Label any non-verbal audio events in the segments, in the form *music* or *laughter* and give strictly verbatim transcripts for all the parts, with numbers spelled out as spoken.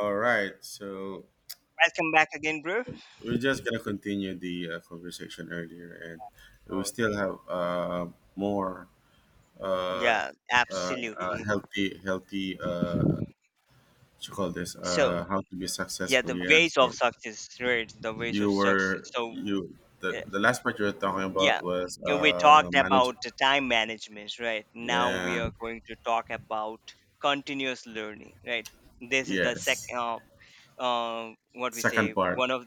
All right, so Welcome back again, bro. we're just gonna continue the uh, conversation earlier, and we Oh, still have uh, more uh, yeah, uh, uh, absolutely. healthy, healthy. Uh, what you call this? So, Uh, how to be yeah, successful? the Yeah. ways of So success, right? The ways of you success. were So, you uh, the the last part you were talking yeah, about was you know, we uh, talked manage. about the time management, right? Now Yeah. we are going to talk about continuous learning, right? This is the Yes. second, um, uh, what we Second say, part. one of,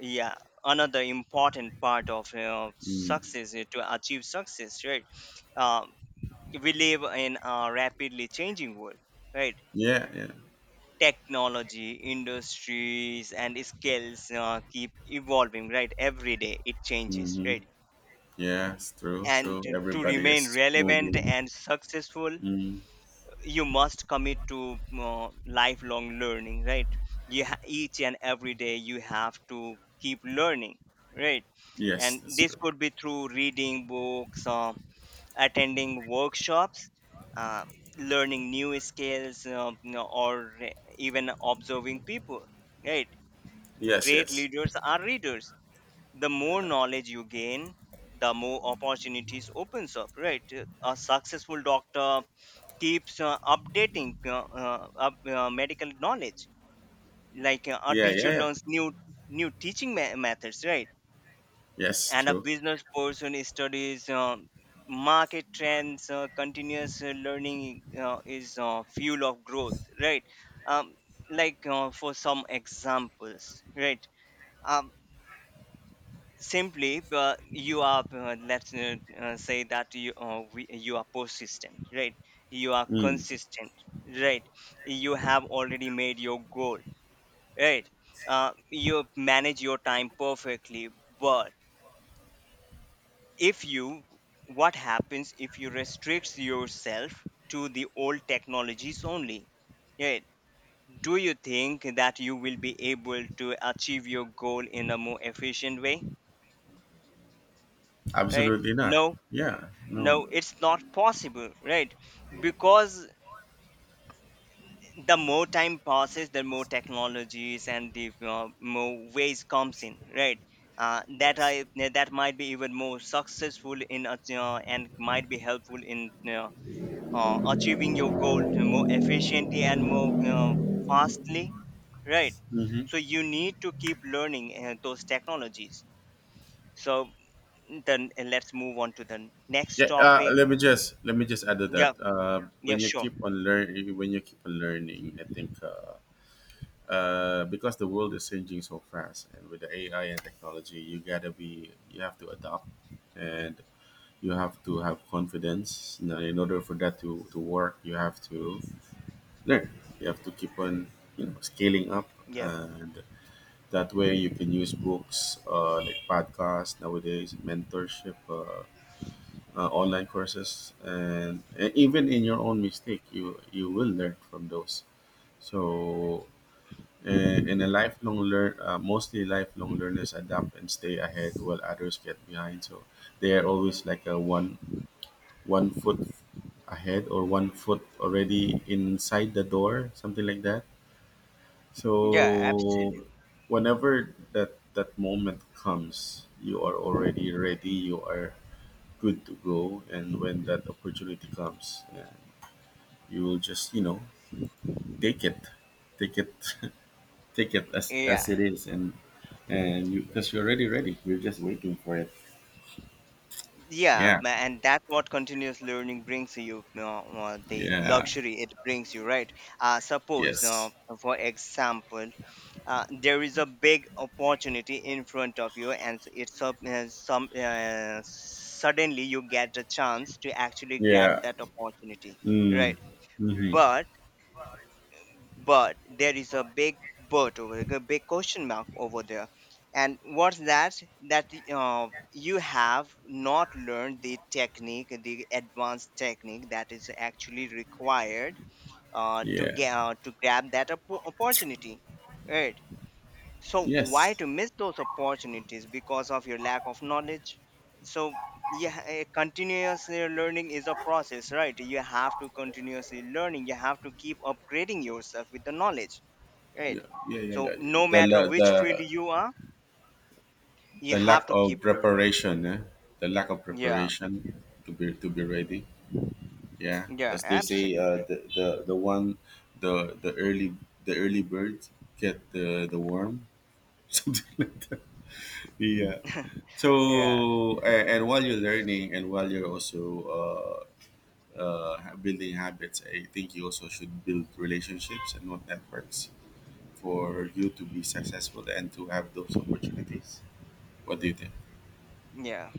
yeah, another important part of uh, Mm. success uh, to achieve success, right? Um, we live in a rapidly changing world, right? Yeah. Yeah. Technology industries and skills uh, keep evolving, right? Every day it changes, Mm-hmm. right? Yes. True. And True. to, to Everybody remain is relevant moving. and successful, Mm. you must commit to uh, lifelong learning, right? You ha- each and every day you have to keep learning, right? Yes. And That's this true. could be through reading books, uh, attending workshops, uh, learning new skills, uh, you know, or even observing people, right? Yes, Great yes. leaders are readers. The more knowledge you gain, the more opportunities opens up, right? A successful doctor keeps uh, updating uh, uh, up, uh, medical knowledge. Like uh, a Yeah, yeah, teacher yeah. learns new new teaching me- methods, right? Yes, And a true. business person studies uh, market trends. Uh, continuous uh, learning uh, is uh, fuel of growth, right? Um, like uh, for some examples, right? Um, simply uh, you are uh, let's uh, uh, say that you uh, we, you are persistent, right? You are Mm, consistent, right? You have already made your goal, right? Uh, you manage your time perfectly, but if you— what happens if you restrict yourself to the old technologies only, right? Do you think that you will be able to achieve your goal in a more efficient way, right? absolutely not. No, Yeah, no. no, it's not possible, right? Because the more time passes, the more technologies and the uh, more ways comes in, right? uh, that i Yes. that might be even more successful in ach- uh, and might be helpful in uh, uh, achieving your goal to more efficiently and more uh, fastly, right? So Mm-hmm. you need to keep learning uh, those technologies. So then, uh, let's move on to the next Yeah. Uh, topic. let me just let me just add to Yeah, that. Uh, yeah, When you sure, keep on learning, when you keep on learning, I think uh, uh, because the world is changing so fast, and with the A I and technology, you gotta be, you have to adapt, and you have to have confidence. You know, in order for that to to work, you have to learn. You have to keep on, you know, scaling up yeah. and that way, you can use books uh, like podcasts nowadays, mentorship, uh, uh, online courses, and, and even in your own mistake, you you will learn from those. So, in, in a lifelong learn, uh, mostly lifelong learners adapt and stay ahead while others get behind. So they are always like a one one foot ahead or one foot already inside the door, something like that. Yeah, absolutely. So whenever that that moment comes, you are already ready, you are good to go, and when that opportunity comes, yeah, you will just, you know, take it. Take it *laughs* take it as Yeah. as it is, and and you because you're already ready. You're just waiting for it. Yeah, Yeah. ma- and that's what continuous learning brings you, uh, uh, the Yeah. luxury it brings you, right? Uh, suppose, uh, Yes. for example, uh, there is a big opportunity in front of you, and s- it's up, uh, some uh, suddenly you get a chance to actually grab Yeah. that opportunity, Mm. right? Hmm. But but there is a big— but over a big question mark over there. And what's that? That uh, you have not learned the technique, the advanced technique that is actually required uh, to Yeah. get uh, to grab that oppo- opportunity, right? So why Yes. to miss those opportunities because of your lack of knowledge? So yeah, eh, continuous eh, learning is a process, right? You have to continuously learning, you have to keep upgrading yourself with the knowledge, right? Yeah. Yeah. Yeah. So Yeah. no The matter la- the which field you are, you the lack have to keep of learning. preparation, eh? The lack of Yeah, preparation to be to be ready. Yeah, yeah, as they say, uh, absolutely. the, the the one, the the early, the early bird get the the worm. *laughs* Something like that. Yeah. *laughs* Yeah, So and, and while you're learning and while you're also uh, uh, ha- building habits, I think you also should build relationships and not networks for you to be successful and to have those opportunities. What do you think? yeah,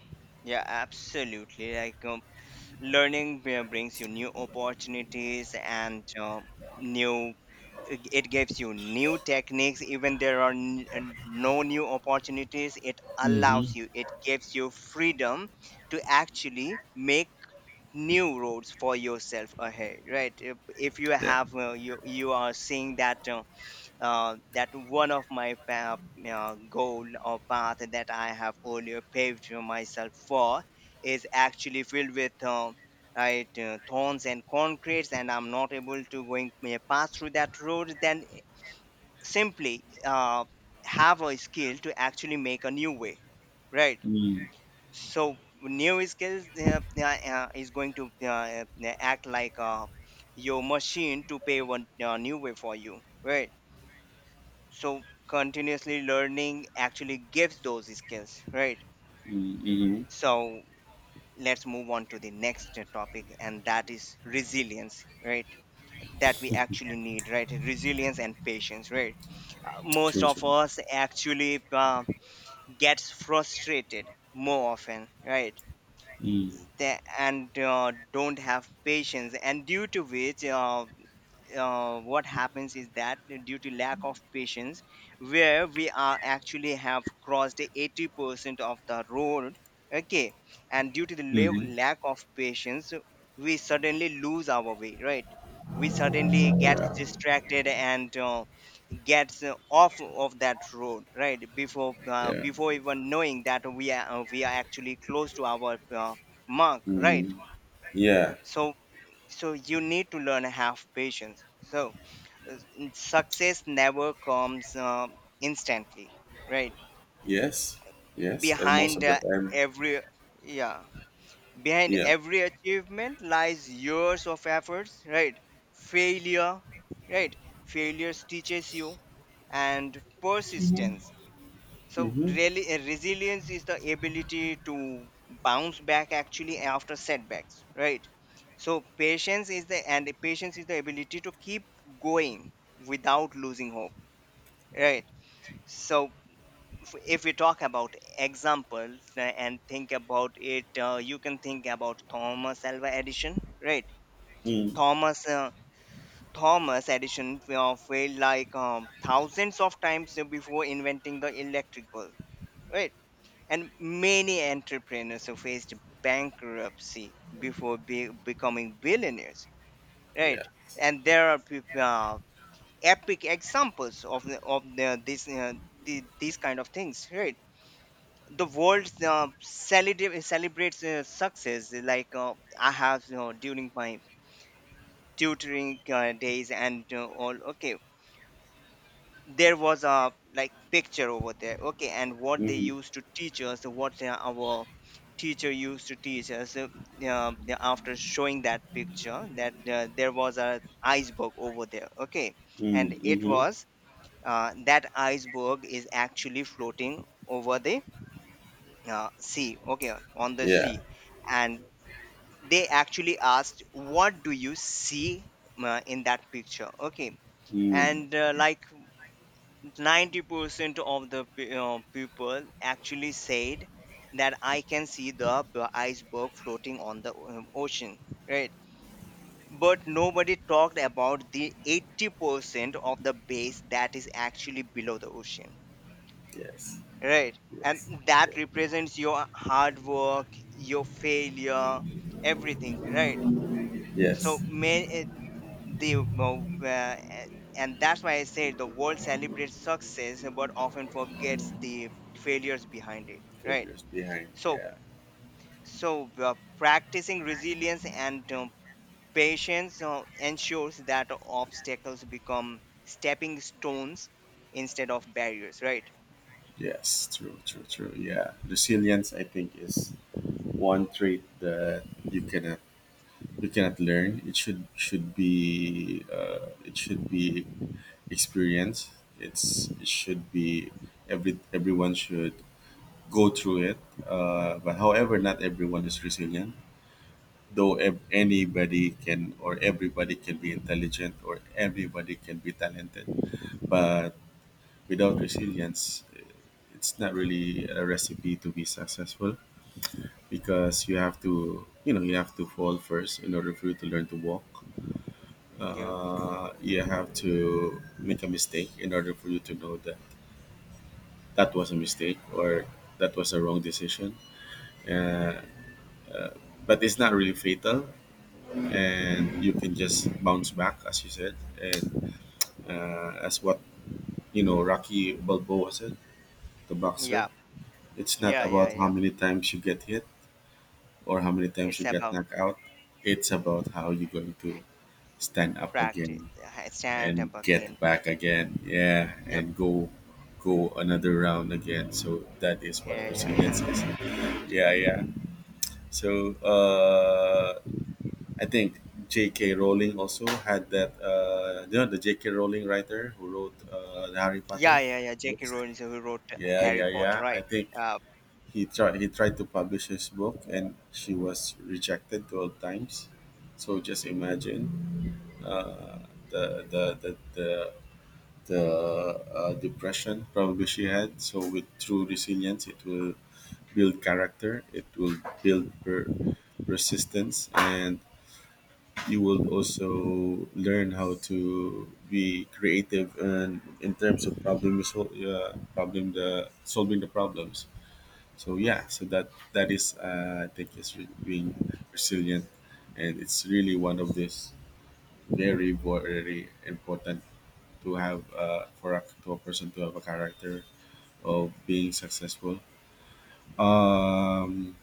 yeah, absolutely. like um, learning br- brings you new opportunities and uh, new— it it gives you new techniques. Even there are n- n- no new opportunities, it allows Mm-hmm. you, it gives you freedom to actually make new roads for yourself ahead, right? If, if you Yeah. have uh, you— you are seeing that uh, uh, that one of my pa- uh, goal or path that I have earlier paved myself for is actually filled with um, right uh, thorns and concretes, and I'm not able to going uh, pass through that road, then simply uh, have a skill to actually make a new way, right? Mm. So new skills uh, uh, uh, is going to uh, uh, act like uh, your machine to pay one uh, new way for you, right? So continuously learning actually gives those skills, right? Mm-hmm. So let's move on to the next topic, and that is resilience, right? That we actually need, right? Resilience and patience, right? uh, most True, of true. us actually uh, gets frustrated more often, right? Mm-hmm. They and uh, don't have patience, and due to which uh, uh, what happens is that, due to lack of patience, where we are actually have crossed the eighty percent of the road, okay, and due to the la- Yeah, lack of patience, we suddenly lose our way, right? We suddenly get distracted and uh, gets uh, off of that road, right? Before uh, yeah. before even knowing that we are uh, we are actually close to our uh, mark, right? Mm-hmm. Yeah. So, so you need to learn have patience. So uh, success never comes um, instantly, right? Yes. Yes. And most behind of the uh, time, every yeah, behind yeah. every achievement lies years of efforts, right? Failure, right? Failures teaches you, and persistence. So Mm-hmm. really, uh, resilience is the ability to bounce back actually after setbacks, right? So patience is the— and patience is the ability to keep going without losing hope, right? So if, if we talk about examples uh, and think about it, uh, you can think about Thomas Alva Edison, right? Mm. Thomas uh, thomas Edison uh, failed like um, thousands of times before inventing the electric bulb, right? And many entrepreneurs who faced bankruptcy before be- becoming billionaires, Yeah. right? And there are peop- uh, epic examples of the, of the, this uh, the, these kind of things, right? The world uh, celebrate, celebrates uh, success. Like uh, I have, you know, during my tutoring uh, days and uh, all, okay, there was a like picture over there, okay, and what they Mm-hmm. used to teach us, what uh, our teacher used to teach us uh, uh, after showing that picture, that uh, there was a iceberg over there, okay, Mm. and it Mm-hmm. was uh, that iceberg is actually floating over the uh, sea, okay, on the Yeah. sea. And they actually asked, what do you see uh, in that picture, okay? Mm. And uh, like ninety percent of the pe- uh, people actually said that I can see the p- iceberg floating on the um, ocean, right? But nobody talked about the eighty percent of the base that is actually below the ocean, Yes. right? And Yes. Yeah. that represents your hard work, your failure, everything, right? So Yes. may it- the uh, eh, and that's why I say the world celebrates success but often forgets the failures behind it, right? Figures behind. So, Yeah. so uh, practicing resilience and um, patience uh, ensures that obstacles become stepping stones instead of barriers, right? Yes. True. True. True. Yeah. Resilience, I think, is one trait that you cannot you cannot learn. It should should be uh, it should be experience. It's it should be every everyone should go through it. Uh, but however, not everyone is resilient. Though ev- anybody can or everybody can be intelligent or everybody can be talented, but without resilience, it's not really a recipe to be successful because you have to you know you have to fall first in order for you to learn to walk. Yeah, Uh, you have to make a mistake in order for you to know that that was a mistake or that was a wrong decision. Uh, but it's not really fatal, and you can just bounce back, as you said. And uh, as, what you know, Rocky Balboa said, the boxer, yeah, it's not yeah, yeah, about how yeah. many times you get hit or how many times It's you get about knocked out. It's about how you're going to stand up practice, again uh, stand and up again. get Eh, back again. Yeah, yep. and go go another round again. So that is what Yeah, yeah, yeah. resilience *laughs* is. Yeah, yeah. So uh, I think J K. Rowling also had that. Uh, you know, the J K. Rowling writer who wrote uh, the Harry Yeah, Potter yeah, yeah. J K. books. Rowling is who wrote Yeah, Harry yeah, Potter, yeah. I right? think Uh, he tried he tried to publish his book and she was rejected twelve times. So just imagine uh, the the the the, the uh, depression probably she had. So with true resilience, it will build character. It will build her resistance, and you will also learn how to be creative, and in terms of problem sol- uh, problem, the solving the problems. So yeah, so that that is, uh, I think, is re- being resilient, and it's really one of this very very important to have, uh, for a, to a person to have a character of being successful. Um,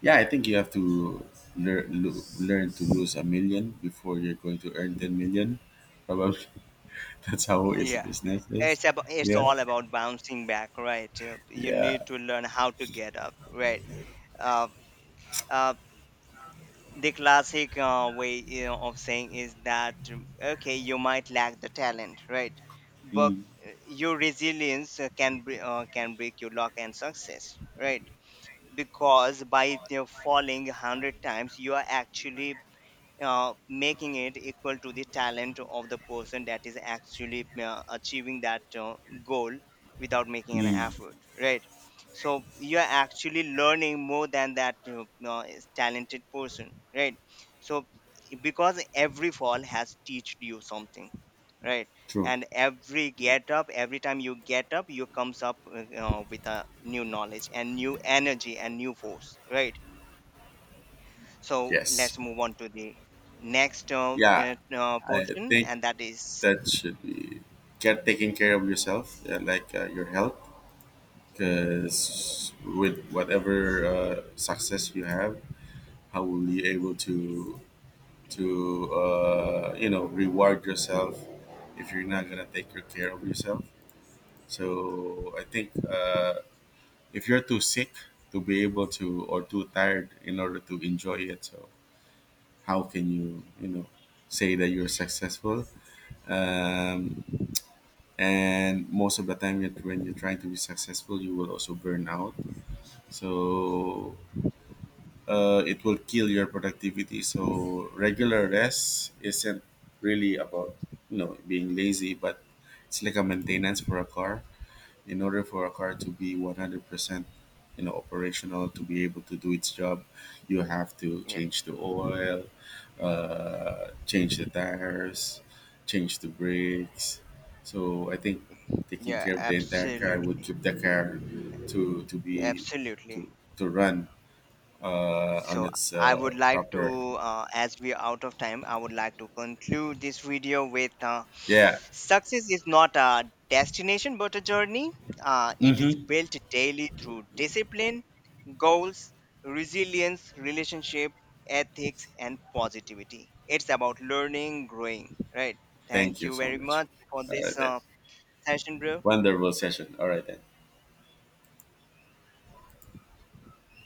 yeah, I think you have to learn lo- learn to lose a million before you're going to earn ten million. Probably *laughs* that's how *laughs* is yeah. business is. It's about— it's Yeah, all about bouncing back, right? Uh, you yeah. need to learn how to get up, right? Uh, uh, the classic uh, way, you know, of saying is that, um, okay, you might lack the talent, right? But Mm, uh, your resilience uh, can bre- uh, can break your luck and success, right? Because by the falling a hundred times you are actually uh, making it equal to the talent of the person that is actually uh, achieving that uh, goal without making an mm. effort, right? So you are actually learning more than that, you know, uh, is talented person, right? So because every fall has taught you something, right? True. And every get up, every time you get up, you comes up, uh, you know, with a new knowledge and new energy and new force, right? So let's Yes. move on to the next uh, Yeah, uh, uh, I portion, think and that is that should be get taking care of yourself, uh, like uh, your health, because with whatever uh, success you have, how will you able to to uh, you know, reward yourself if you're not gonna take good care of yourself. So I think uh, if you're too sick to be able to or too tired in order to enjoy it, so how can you, you know, say that you're successful? Um, and most of the time, it- when you're trying to be successful, you will also burn out. So uh, it will kill your productivity. So regular rest isn't really about, you know, being lazy, but it's like a maintenance for a car. In order for a car to be one hundred percent, you know, operational to be able to do its job, you have to yeah, change the oil, uh, change the tires, change the brakes. So I think taking yeah, care of the entire car would absolutely, keep the car to to be absolutely. to to run uh, on So its I uh, would like proper. to, uh, as we are out of time, I would like to conclude this video with, uh, Yeah. success is not a destination but a journey. Uh, it is Mm-hmm. built daily through discipline, goals, resilience, relationship, ethics, and positivity. It's about learning, growing, right? Thank Thank you you so very much. much for All right this then, uh, session, bro. wonderful session. All right then.